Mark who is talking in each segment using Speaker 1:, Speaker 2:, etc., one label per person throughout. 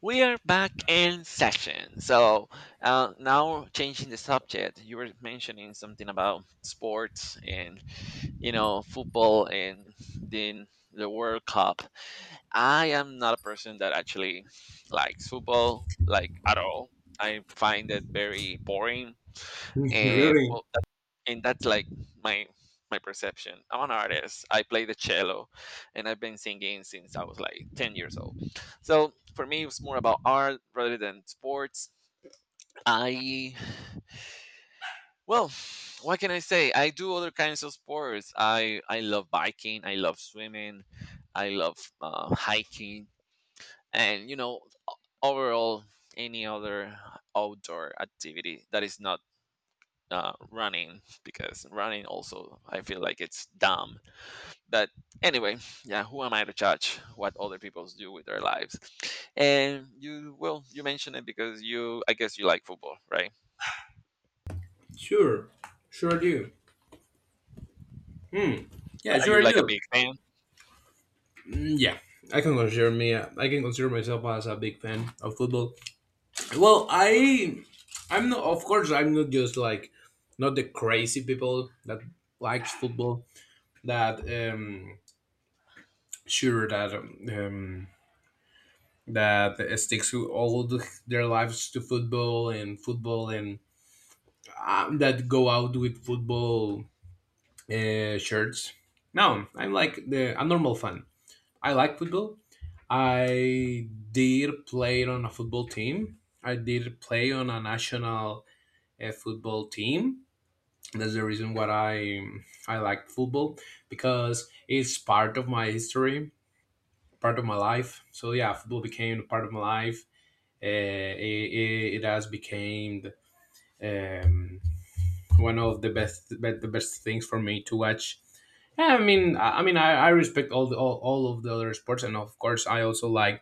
Speaker 1: We are back in session. So now changing the subject, you were mentioning something about sports and you know football and then the World Cup. I am not a person that actually likes football like at all. I find it very boring and
Speaker 2: Really?
Speaker 1: and that's like my my perception. I'm an artist. I play the cello, and I've been singing since I was like 10 years old. So for me, it was more about art rather than sports. I well, what can I say? I do other kinds of sports. I love biking. I love swimming. I love hiking, and you know, overall, any other outdoor activity that is not running, because running also I feel like it's dumb. But anyway, yeah, who am I to judge what other people do with their lives? And you mentioned it because I guess you like football, right?
Speaker 2: Sure, sure do. Yeah,
Speaker 1: Are you
Speaker 2: sure I
Speaker 1: like a
Speaker 2: do.
Speaker 1: big fan?
Speaker 2: Mm, yeah, I can consider me. I can consider myself as a big fan of football. Well, I'm not. Of course, I'm not just like not the crazy people that likes football. That sure that um, that sticks to all their lives, to football and football and that go out with football shirts. No, I'm like the a normal fan. I like football. I did play on a football team. I did play on a national football team. That's the reason why I like football, because it's part of my history, part of my life. So yeah, football became part of my life. It has become um, one of the best things for me to watch. Yeah, I mean, I respect all of the other sports, and of course, I also like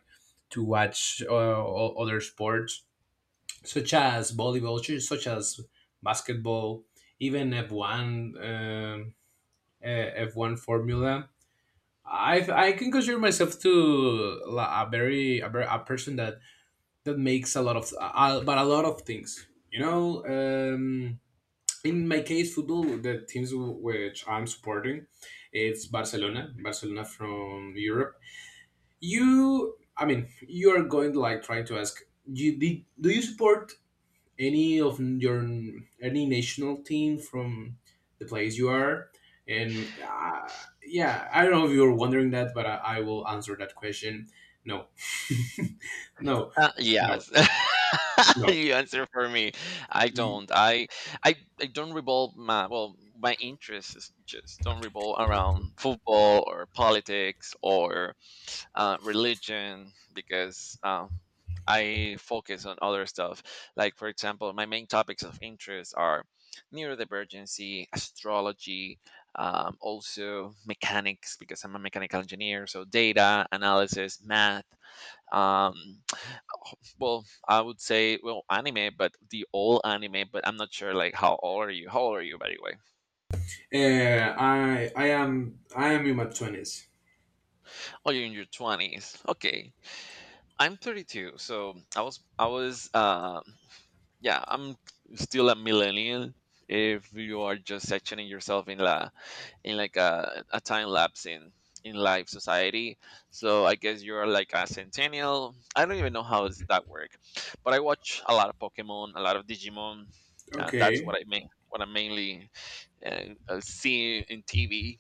Speaker 2: to watch other sports, such as volleyball, such as basketball, even F1 Formula. I can consider myself to a person that makes a lot of things. In my case, football, the teams which I'm supporting, it's Barcelona, Barcelona from Europe. I mean, you are going to like try to ask, do you support any of your any national team from the place you are? And yeah, I don't know if you're wondering that, but I will answer that question. No, no, no,
Speaker 1: Yes.
Speaker 2: no.
Speaker 1: You answer for me. I don't. I I don't revolve my my interests is just don't revolve around football or politics or religion because I focus on other stuff. Like, for example, my main topics of interest are neurodivergency, astrology, also mechanics, because I'm a mechanical engineer. So, data analysis, math. Um, well, I would say, well, anime, but the old anime, but I'm not sure, like, how old are you? How old are you, by the way?
Speaker 2: I am in my twenties.
Speaker 1: Oh, you're in your 20s. Okay. I'm 32, so I was yeah, I'm still a millennial, if you are just sectioning yourself in la in like a time lapse in live society. So I guess you're like a centennial. I don't even know how does that work. But I watch a lot of Pokemon, a lot of Digimon. That's what
Speaker 2: Okay.
Speaker 1: I mean, what I mainly see in TV,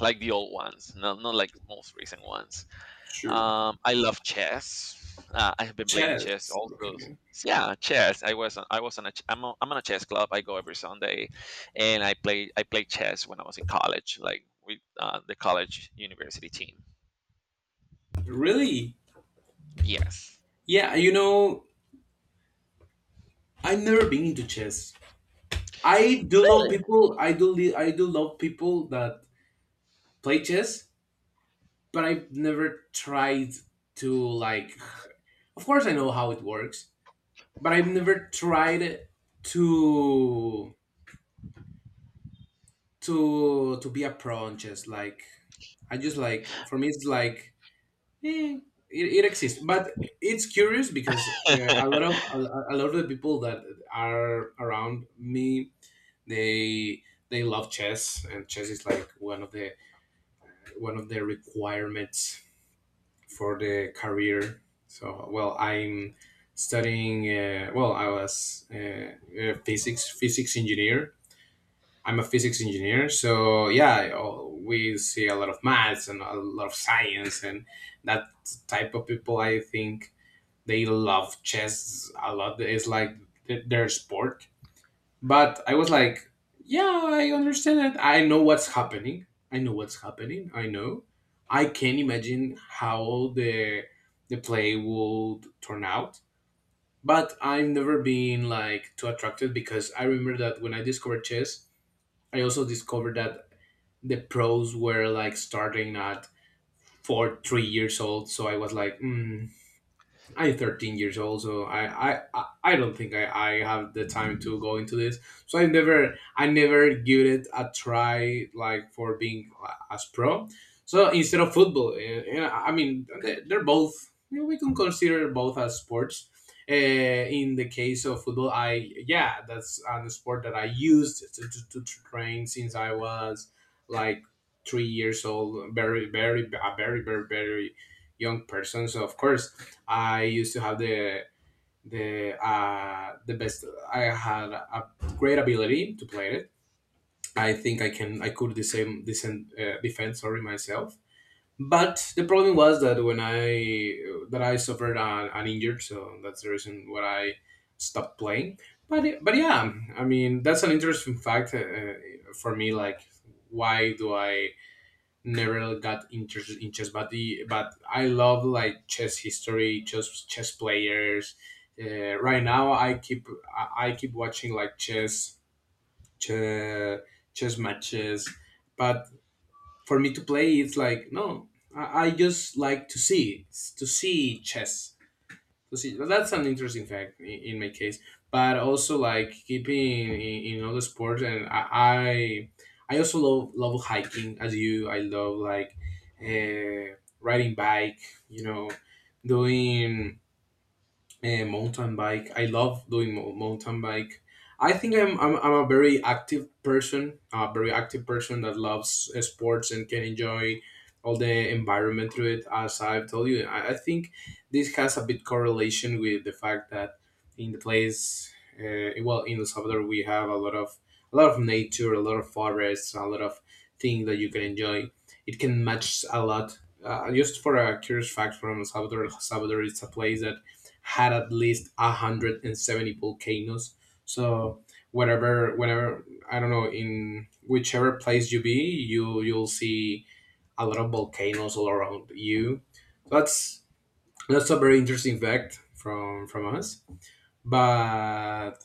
Speaker 1: like the old ones, not like most recent ones.
Speaker 2: Sure.
Speaker 1: I love chess. I have been playing chess
Speaker 2: Chess.
Speaker 1: also.
Speaker 2: Okay.
Speaker 1: Yeah, chess. I was on a I'm on a chess club. I go every Sunday, and I played chess when I was in college, like with the college university team.
Speaker 2: Really?
Speaker 1: Yes.
Speaker 2: Yeah, I've never been into chess. I do
Speaker 1: Really?
Speaker 2: love people. I do love people that play chess, but I've never tried to, like. Of course, I know how it works, but I've never tried to to be a pro on chess, like. I just, like, for me it's like. Yeah, it exists, but it's curious, because a lot of a lot of the people that are around me, they they love chess, and chess is like one of the requirements for the career. So, well, I'm studying. Well, I was a physics engineer. I'm a physics engineer, so yeah, oh, we see a lot of maths and a lot of science, and that type of people. I think they love chess a lot. It's like their sport. But I was like, yeah, I understand it. I know what's happening. I know what's happening. I know. I can imagine how the play would turn out. But I've never been, like, too attracted, because I remember that when I discovered chess, I also discovered that the pros were like starting at four, 3 years old. So I was like, mm, I'm 13 years old, so I don't think I have the time to go into this. So I never give it a try, like, for being as pro. So instead of football, I mean, they're both, you know, we can consider both as sports. Uh, in the case of football, I, yeah, that's a sport that I used to, train since I was like 3 years old, very very a very very very young person. So, of course, I used to have the best. I had a great ability to play it. I think I could the same decent defend, sorry, myself. But the problem was that, when I suffered an injury, so that's the reason why I stopped playing. But yeah, I mean, that's an interesting fact for me. Like, why do I never got interested in chess, but the but I love, like, chess history, chess, chess players. Right now, I keep watching, like, chess, chess, chess matches, but for me to play it's like, no. I just like to see, to see chess, to see. But that's an interesting fact in my case. But also, like, keeping in other sports, and I also love, love hiking, as you. I love, like, riding bike, you know, doing mountain bike. I love doing mountain bike. I think I'm a very active person, a very active person that loves sports, and can enjoy all the environment through it. As I've told you, I think this has a bit correlation with the fact that, in the place, well, in El Salvador, we have a lot of, a lot of nature, a lot of forests, a lot of things that you can enjoy. It can match a lot. Just for a curious fact, from El Salvador, El Salvador is a place that had at least 170 volcanoes. So, whatever, whenever, I don't know, in whichever place you be, you you'll see a lot of volcanoes all around you. that's that's a very interesting fact from us. but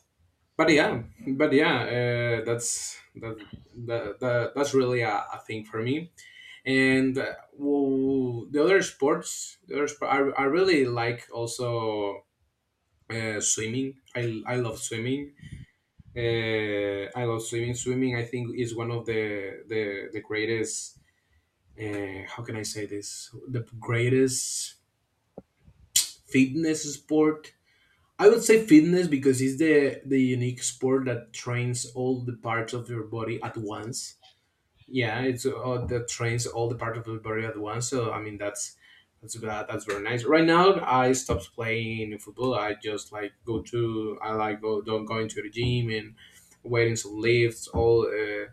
Speaker 2: but yeah, but yeah, that's that that's really a thing for me. And well, the other sport, I really like also swimming. I love swimming. I love swimming. Swimming, I think, is one of the greatest. How can I say this? The greatest fitness sport. I would say fitness, because it's the unique sport that trains all the parts of your body at once. Yeah, it's the trains all the part of Bulgaria at once. So I mean, That's very nice. Right now, I stopped playing football. I just like go to, I like go, don't going to the gym, and waiting some lifts, all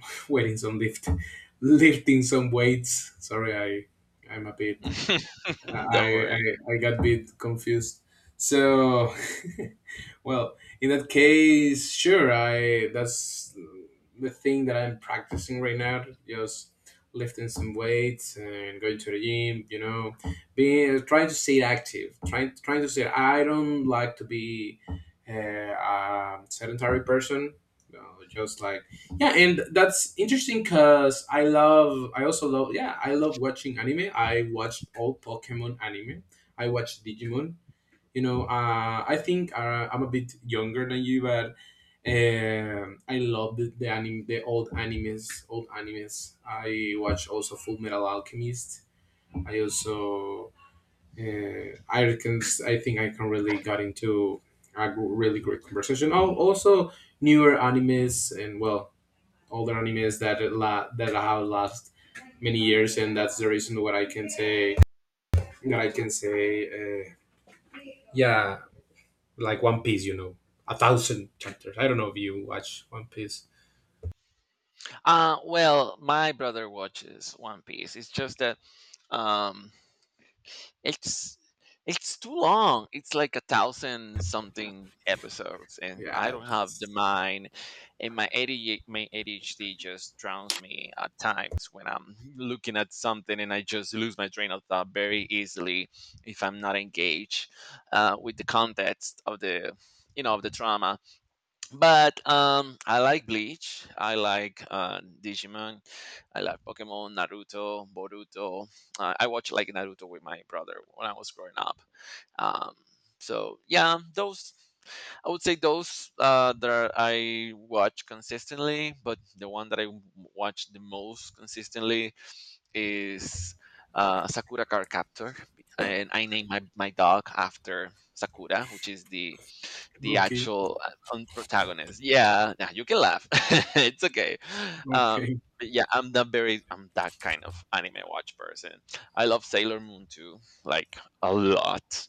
Speaker 2: waiting some lift, lifting some weights. Sorry, I'm a bit. I,
Speaker 1: Don't
Speaker 2: I
Speaker 1: worry.
Speaker 2: I got a bit confused. So, well, in that case, sure. I That's the thing that I'm practicing right now. Just lifting some weights and going to the gym. You know, being trying to stay active. Trying to stay. I don't like to be a sedentary person. You know, just like, yeah. And that's interesting, because I also love, yeah, I love watching anime. I watched all Pokemon anime. I watched Digimon. You know, I think, I'm a bit younger than you, but I love the anime, the old animes, old animes. I watch also Full Metal Alchemist. I also, uh, i can I think I can really got into a really great conversation. Oh, also newer animes, and well, older animes that that have last many years, and that's the reason what I can say that I can say. Uh, yeah, like One Piece, you know, a thousand chapters. I don't know if you watch One Piece.
Speaker 1: Uh, well, my brother watches One Piece. It's just that um It's it's too long. It's like a thousand something episodes, and I
Speaker 2: Yeah.
Speaker 1: don't have the mind. And my ADHD just drowns me at times when I'm looking at something, and I just lose my train of thought very easily if I'm not engaged with the context of the of the drama. But um, I like Bleach, I like uh, Digimon, I like Pokemon, Naruto, Boruto. Uh, I watched like Naruto with my brother when I was growing up. Um, so yeah, those, I would say those uh, I watch consistently, but the one that watch the most consistently is Sakura Card Captor, and I named my dog after Sakura, which is the
Speaker 2: Okay.
Speaker 1: actual protagonist. Yeah, nah, you can laugh. It's okay. Um,
Speaker 2: Okay.
Speaker 1: but yeah, I'm that kind of anime watch person. I love Sailor Moon too, like a lot,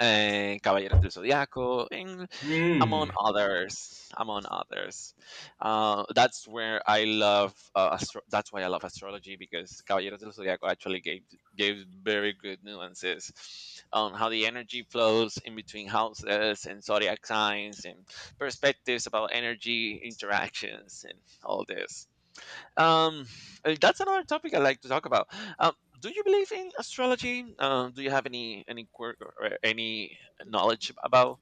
Speaker 1: eh, Caballeros del Zodiaco, and among
Speaker 2: Hmm.
Speaker 1: others, among others. That's where I love. That's why I love astrology because Caballeros del Zodiaco actually gave very good nuances on how the energy flows in between houses and zodiac signs and perspectives about energy interactions and all this. Um, that's another topic I like to talk about. Um, do you believe in astrology? Do you have any quirk or any knowledge about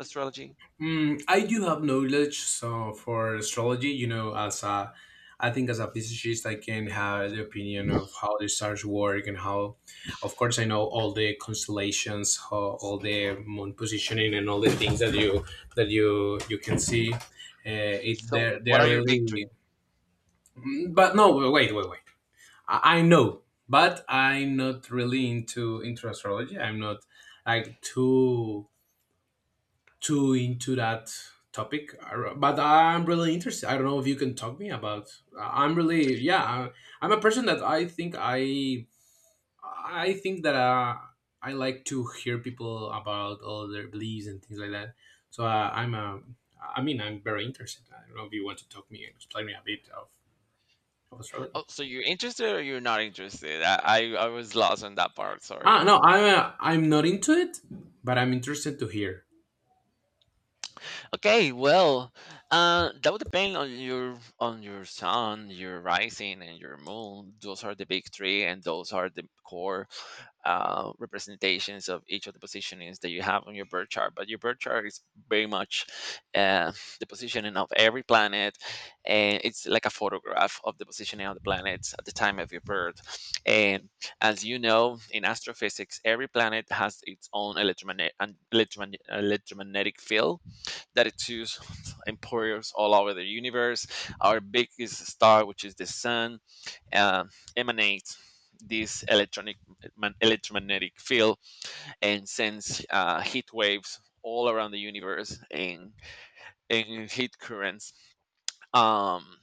Speaker 1: astrology?
Speaker 2: Mm, I do have knowledge, so, for astrology, you know, as a I think, as a physicist, I can have the opinion of how the stars work, and how, of course, I know all the constellations, how, all the moon positioning, and all the things that you you can see. It they
Speaker 1: So,
Speaker 2: they
Speaker 1: what
Speaker 2: are
Speaker 1: are your big three?
Speaker 2: really. Mm, but no, wait, wait, wait. I know, but I'm not really into astrology. I'm not, like, too into that topic. But I'm really interested, I don't know if you can talk me about. I'm really, yeah. I'm a person that I think I think that, I like to hear people about all their beliefs and things like that. So, I'm ai mean, I'm very interested. I don't know if you want to talk me and explain me a bit of astrology.
Speaker 1: Oh, so you're interested or you're not interested? I was lost on that part.
Speaker 2: Ah,
Speaker 1: Sorry.
Speaker 2: no, I'm not into it, but I'm interested to hear.
Speaker 1: Okay, well, that would depend on your sun, your rising, and your moon. Those are the big three, and those are the core representations of each of the positionings that you have on your birth chart. But your birth chart is very much uh, the positioning of every planet, and it's like a photograph of the positioning of the planets at the time of your birth. And as you know, in astrophysics, every planet has its own electromagnetic field that it sues employers all over the universe. Our biggest star, which is the sun, uh, emanates this electromagnetic field and sends heat waves all around the universe and heat currents. Um,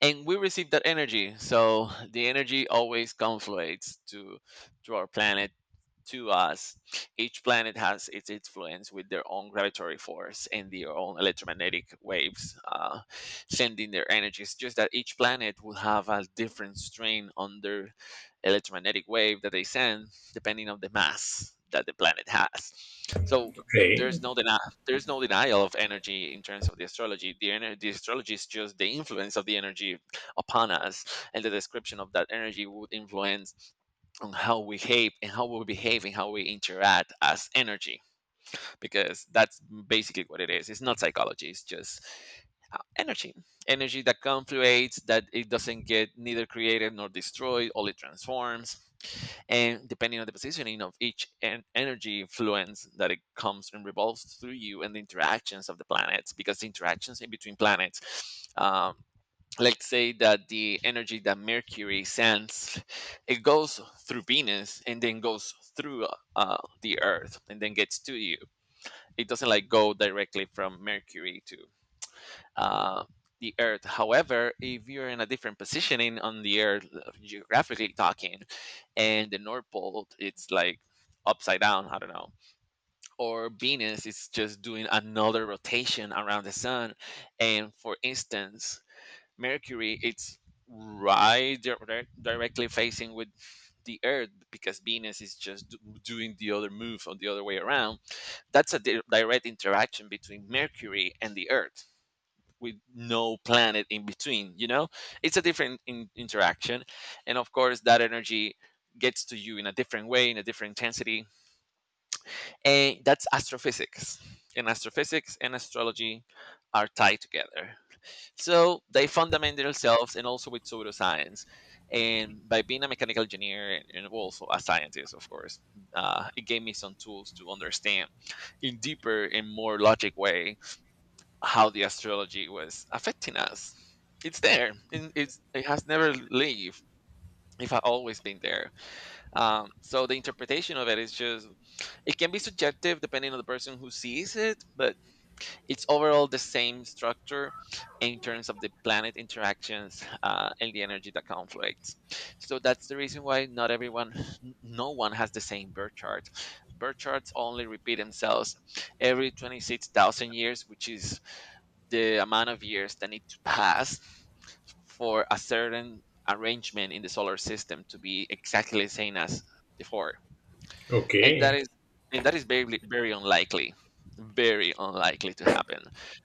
Speaker 1: and we receive that energy, so the energy always confluates to our planet, to us. Each planet has its influence with their own gravitatory force and their own electromagnetic waves, sending their energies. Just that each planet will have a different strain on their electromagnetic wave that they send, depending on the mass that the planet has. So there's
Speaker 2: Okay.
Speaker 1: no deni- there's no denial of energy in terms of the astrology. The astrology is just the influence of the energy upon us, and the description of that energy would influence on how we behave and how we interact as energy, because that's basically what it is. It's not psychology, it's just energy, energy that confluates, that it doesn't get neither created nor destroyed, all it transforms. And depending on the positioning of each energy influence that it comes and revolves through you, and the interactions of the planets, because the interactions in between planets, let's say that the energy that Mercury sends, it goes through Venus and then goes through uh, the Earth and then gets to you. It doesn't like go directly from Mercury to uh, the Earth. However, if you're in a different positioning on the Earth, geographically talking, and the north pole it's like upside down, I don't know, or Venus is just doing another rotation around the sun, and for instance Mercury, it's directly facing with the Earth because Venus is just doing the other move on the other way around. That's a direct interaction between Mercury and the Earth with no planet in between. You know, it's a different interaction, and of course, that energy gets to you in a different way, in a different intensity, and that's astrophysics. And astrophysics and astrology are tied together. So they fundament themselves, and also with pseudoscience. And by being a mechanical engineer and also a scientist, of course, it gave me some tools to understand in deeper and more logic way how the astrology was affecting us. It's there. And it's, it has never leave. It has always been there. So the interpretation of it is just, it can be subjective depending on the person who sees it, but it's overall the same structure in terms of the planet interactions, and the energy that conflicts. So that's the reason why not everyone, no one has the same birth chart. Birth charts only repeat themselves every 26,000 years, which is the amount of years that need to pass for a certain arrangement in the solar system to be exactly the same as before. And that
Speaker 2: Okay.
Speaker 1: is very very unlikely, very unlikely to happen,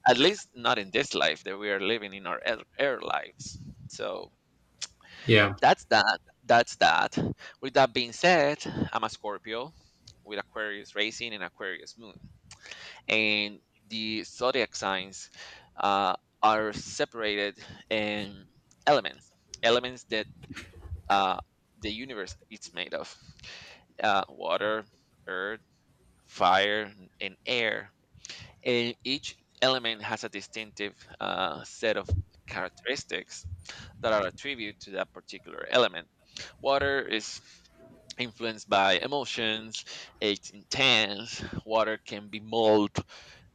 Speaker 1: at least not in this life that we are living in air lives. So
Speaker 2: Yeah.
Speaker 1: that's that that's that. With that being said, I'm a Scorpio with Aquarius rising and Aquarius moon. And the zodiac signs uh, are separated in elements, elements that uh, the universe is made of: water, fire, and air. And each element has a distinctive set of characteristics that are attributed to that particular element. Water is influenced by emotions, it's intense. Water can be mold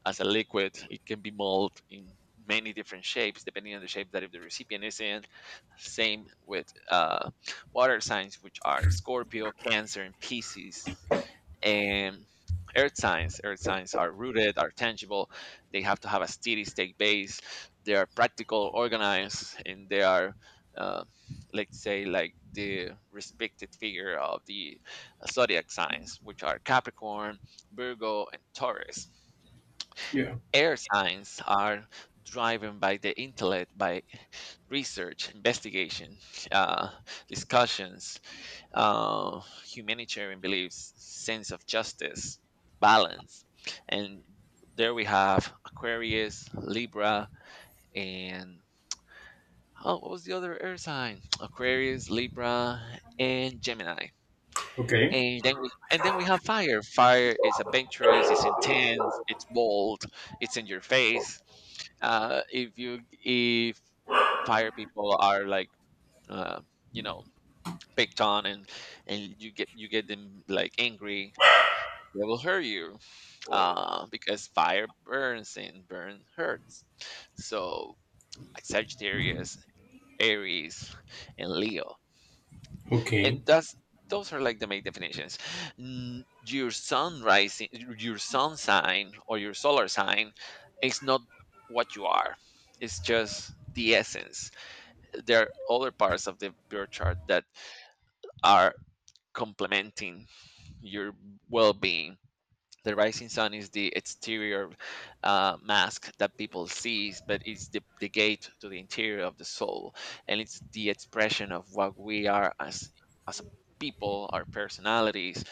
Speaker 1: as a liquid, it can be mold in many different shapes depending on the shape that if the recipient is in. Same with water signs, which are Scorpio, Cancer, and Pisces. And earth science are rooted, are tangible, they have to have a steady state base, they are practical, organized, and they are uh, let's say like the respected figure of the zodiac signs, which are Capricorn, Virgo, and Taurus.
Speaker 2: Yeah.
Speaker 1: Air signs are driven by the intellect, by research, investigation, uh, discussions, uh, humanitarian beliefs, sense of justice, balance. And there we have Aquarius, Libra, and oh, what was the other air sign? Aquarius, Libra, and Gemini.
Speaker 2: Okay.
Speaker 1: And then we have fire. Fire is adventurous, it's intense, it's bold, it's in your face. If you if fire people are like uh, you know, picked on, and you get them like angry, they will hurt you because fire burns and burn hurts. So like Sagittarius, Aries, and Leo,
Speaker 2: Okay.
Speaker 1: and that's those are like the main definitions. Your sun rising, your sun sign or your solar sign is not what you are. It's just the essence. There are other parts of the birth chart that are complementing your well-being. The rising sun is the exterior mask that people sees, but it's the gate to the interior of the soul, and it's the expression of what we are as a people our personalities.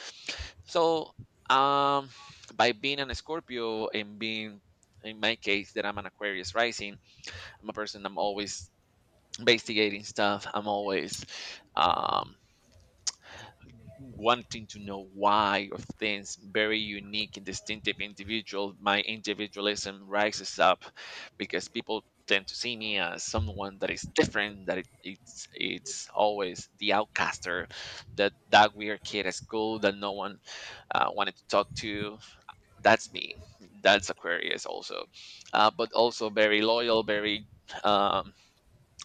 Speaker 1: So um by being an Scorpio and being in my case that I'm an Aquarius rising, I'm a person. I'm always investigating stuff. I'm always um wanting to know why of things. Very unique and distinctive individual, my individualism rises up because people tend to see me as someone that is different, that it's always the outcaster, that that weird kid at school that no one wanted to talk to. That's me. That's Aquarius also. But also very loyal, very um,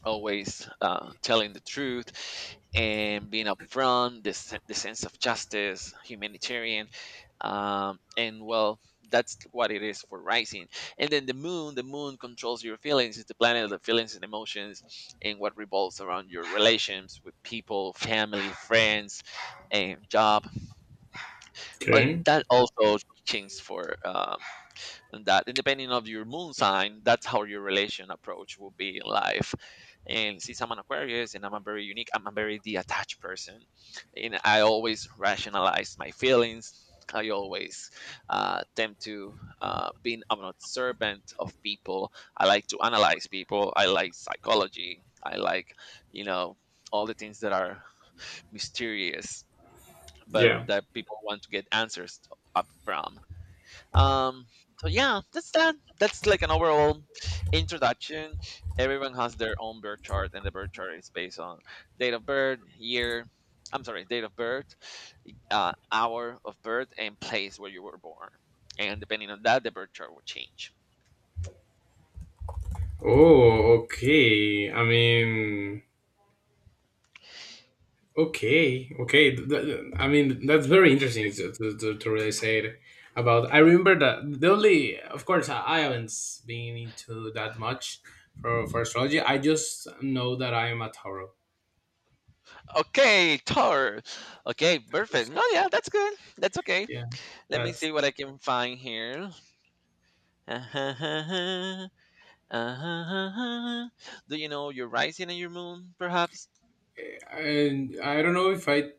Speaker 1: always telling the truth and being upfront, the, the sense of justice, humanitarian. And well, that's what it is for rising. And then the moon controls your feelings. It's the planet of the feelings and emotions, and what revolves around your relations with people, family, friends, and job. And
Speaker 2: Okay.
Speaker 1: that also changes for and that and depending of your moon sign, that's how your relation approach will be in life. And since I'm an Aquarius and I'm a very unique, I'm a very detached person, and I always rationalize my feelings. I always tend to being I'm an observant of people. I like to analyze people, I like psychology, I like you know all the things that are mysterious but
Speaker 2: Yeah.
Speaker 1: that people want to get answers up from. Um, so yeah, that's that. That's like an overall introduction. Everyone has their own birth chart, and the birth chart is based on date of birth, year. I'm sorry, date of birth, hour of birth, and place where you were born. And depending on that, the birth chart will change.
Speaker 2: Oh, okay. I mean, okay, okay. I mean, that's very interesting to really say it about. I remember that, the only, of course, I haven't been into that much for astrology. I just know that I am a Tauro.
Speaker 1: Okay, Tor. Okay,
Speaker 2: Taurus.
Speaker 1: perfect. Oh yeah, that's good. That's okay.
Speaker 2: Yeah,
Speaker 1: Let me
Speaker 2: that's.
Speaker 1: see what I can find here. Do you know your rising and your moon, perhaps?
Speaker 2: And I don't know if I.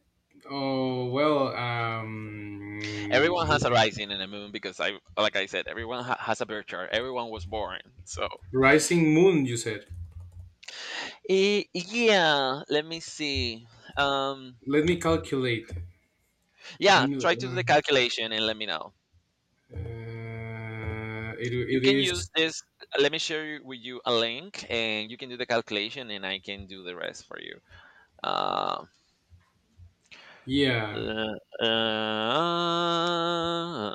Speaker 2: Oh, well,
Speaker 1: Everyone has a rising and a moon, because I, like I said, everyone has a birth chart. Everyone was born, so.
Speaker 2: rising moon. You said.
Speaker 1: Eh, yeah, let me see. Um,
Speaker 2: Let me calculate.
Speaker 1: yeah, try to do the
Speaker 2: Mm,
Speaker 1: calculation and let me know.
Speaker 2: Uh, it,
Speaker 1: You
Speaker 2: it
Speaker 1: can
Speaker 2: is.
Speaker 1: use this. Let me share with you a link, and you can do the calculation, and I can do the rest for you. Uh,
Speaker 2: Yeah,
Speaker 1: uh, uh,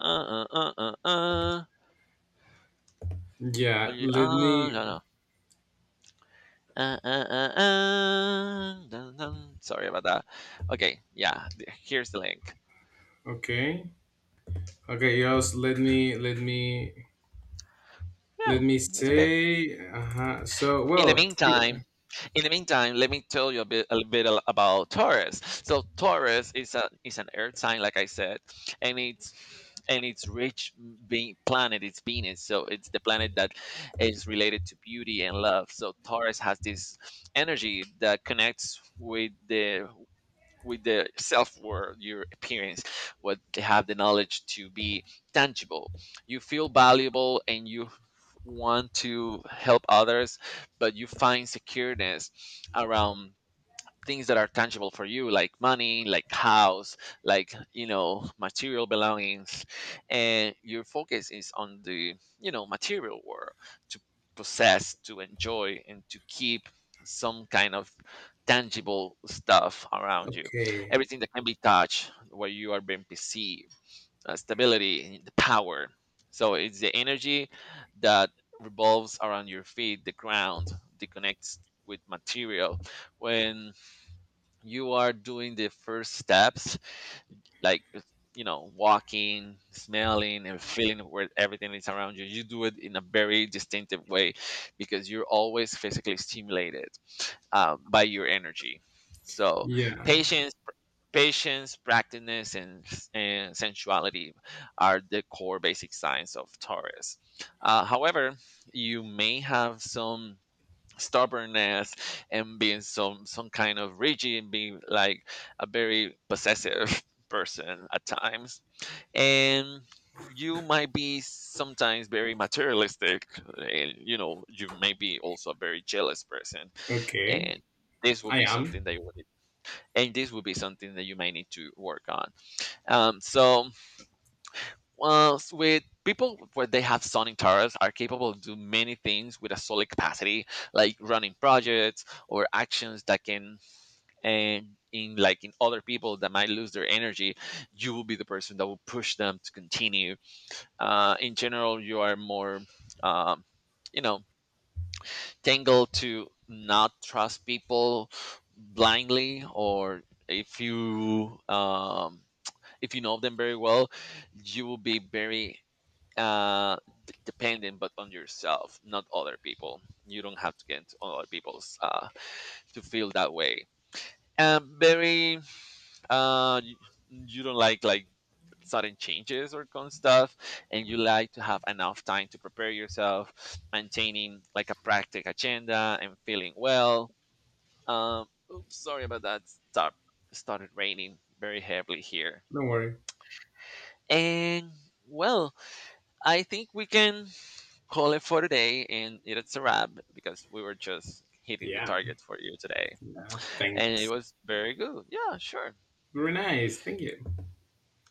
Speaker 1: uh, uh, uh, uh, uh, uh,
Speaker 2: yeah,
Speaker 1: uh,
Speaker 2: let me.
Speaker 1: uh, uh, dun, dun. Sorry about that. Okay, yeah, here's the link.
Speaker 2: Okay, okay, yes, let me, let me let
Speaker 1: Yeah,
Speaker 2: me
Speaker 1: it's okay.
Speaker 2: say. Uh-huh. So,
Speaker 1: In the
Speaker 2: well,
Speaker 1: meantime, let me tell you a bit, a little bit about Taurus. So Taurus is a is an earth sign, like I said, and it's rich being planet. It's Venus, so it's the planet that is related to beauty and love. So Taurus has this energy that connects with the self worth, your appearance, what they have, the knowledge to be tangible. You feel valuable and you want to help others, but you find secureness around things that are tangible for you, like money, like house, like material belongings. And your focus is on the material world to possess, to enjoy, and to keep some kind of tangible stuff around you,
Speaker 2: okay,
Speaker 1: everything that can be touched, where you are being perceived stability and the power. So it's the energy that revolves around your feet, the ground, that connects with material when you are doing the first steps, like walking, smelling, and feeling where everything is around you. You do it in a very distinctive way because you're always physically stimulated by your energy. So
Speaker 2: yeah,
Speaker 1: patience, practice, and sensuality are the core basic signs of Taurus. However, you may have some stubbornness and being some kind of rigid, and being like a very possessive person at times. And you might be sometimes very materialistic, and you may be also a very jealous person.
Speaker 2: okay,
Speaker 1: and this will
Speaker 2: I
Speaker 1: be
Speaker 2: am.
Speaker 1: something that you would and this would be something that you may need to work on. um, so well, with people where they have sonic turrets are capable of do many things with a solid capacity, like running projects or actions that can, and in like in other people that might lose their energy, you will be the person that will push them to continue. In general, you are more, um, you know, tangled to not trust people blindly, or if you um, if you know them very well, you will be very uh dependent, but on yourself, not other people. You don't have to get into other people's to feel that way. And very uh y- you don't like sudden changes or kind of stuff, and you like to have enough time to prepare yourself, maintaining like a practical agenda and feeling well. um Oops, sorry about that. Started raining very heavily here.
Speaker 2: Don't worry.
Speaker 1: And well, I think we can call it for today, and it's a wrap because we were just hitting the
Speaker 2: Yeah,
Speaker 1: target for you today.
Speaker 2: yeah,
Speaker 1: And it
Speaker 2: thanks.
Speaker 1: was very good. Yeah, sure.
Speaker 2: Very nice, thank you.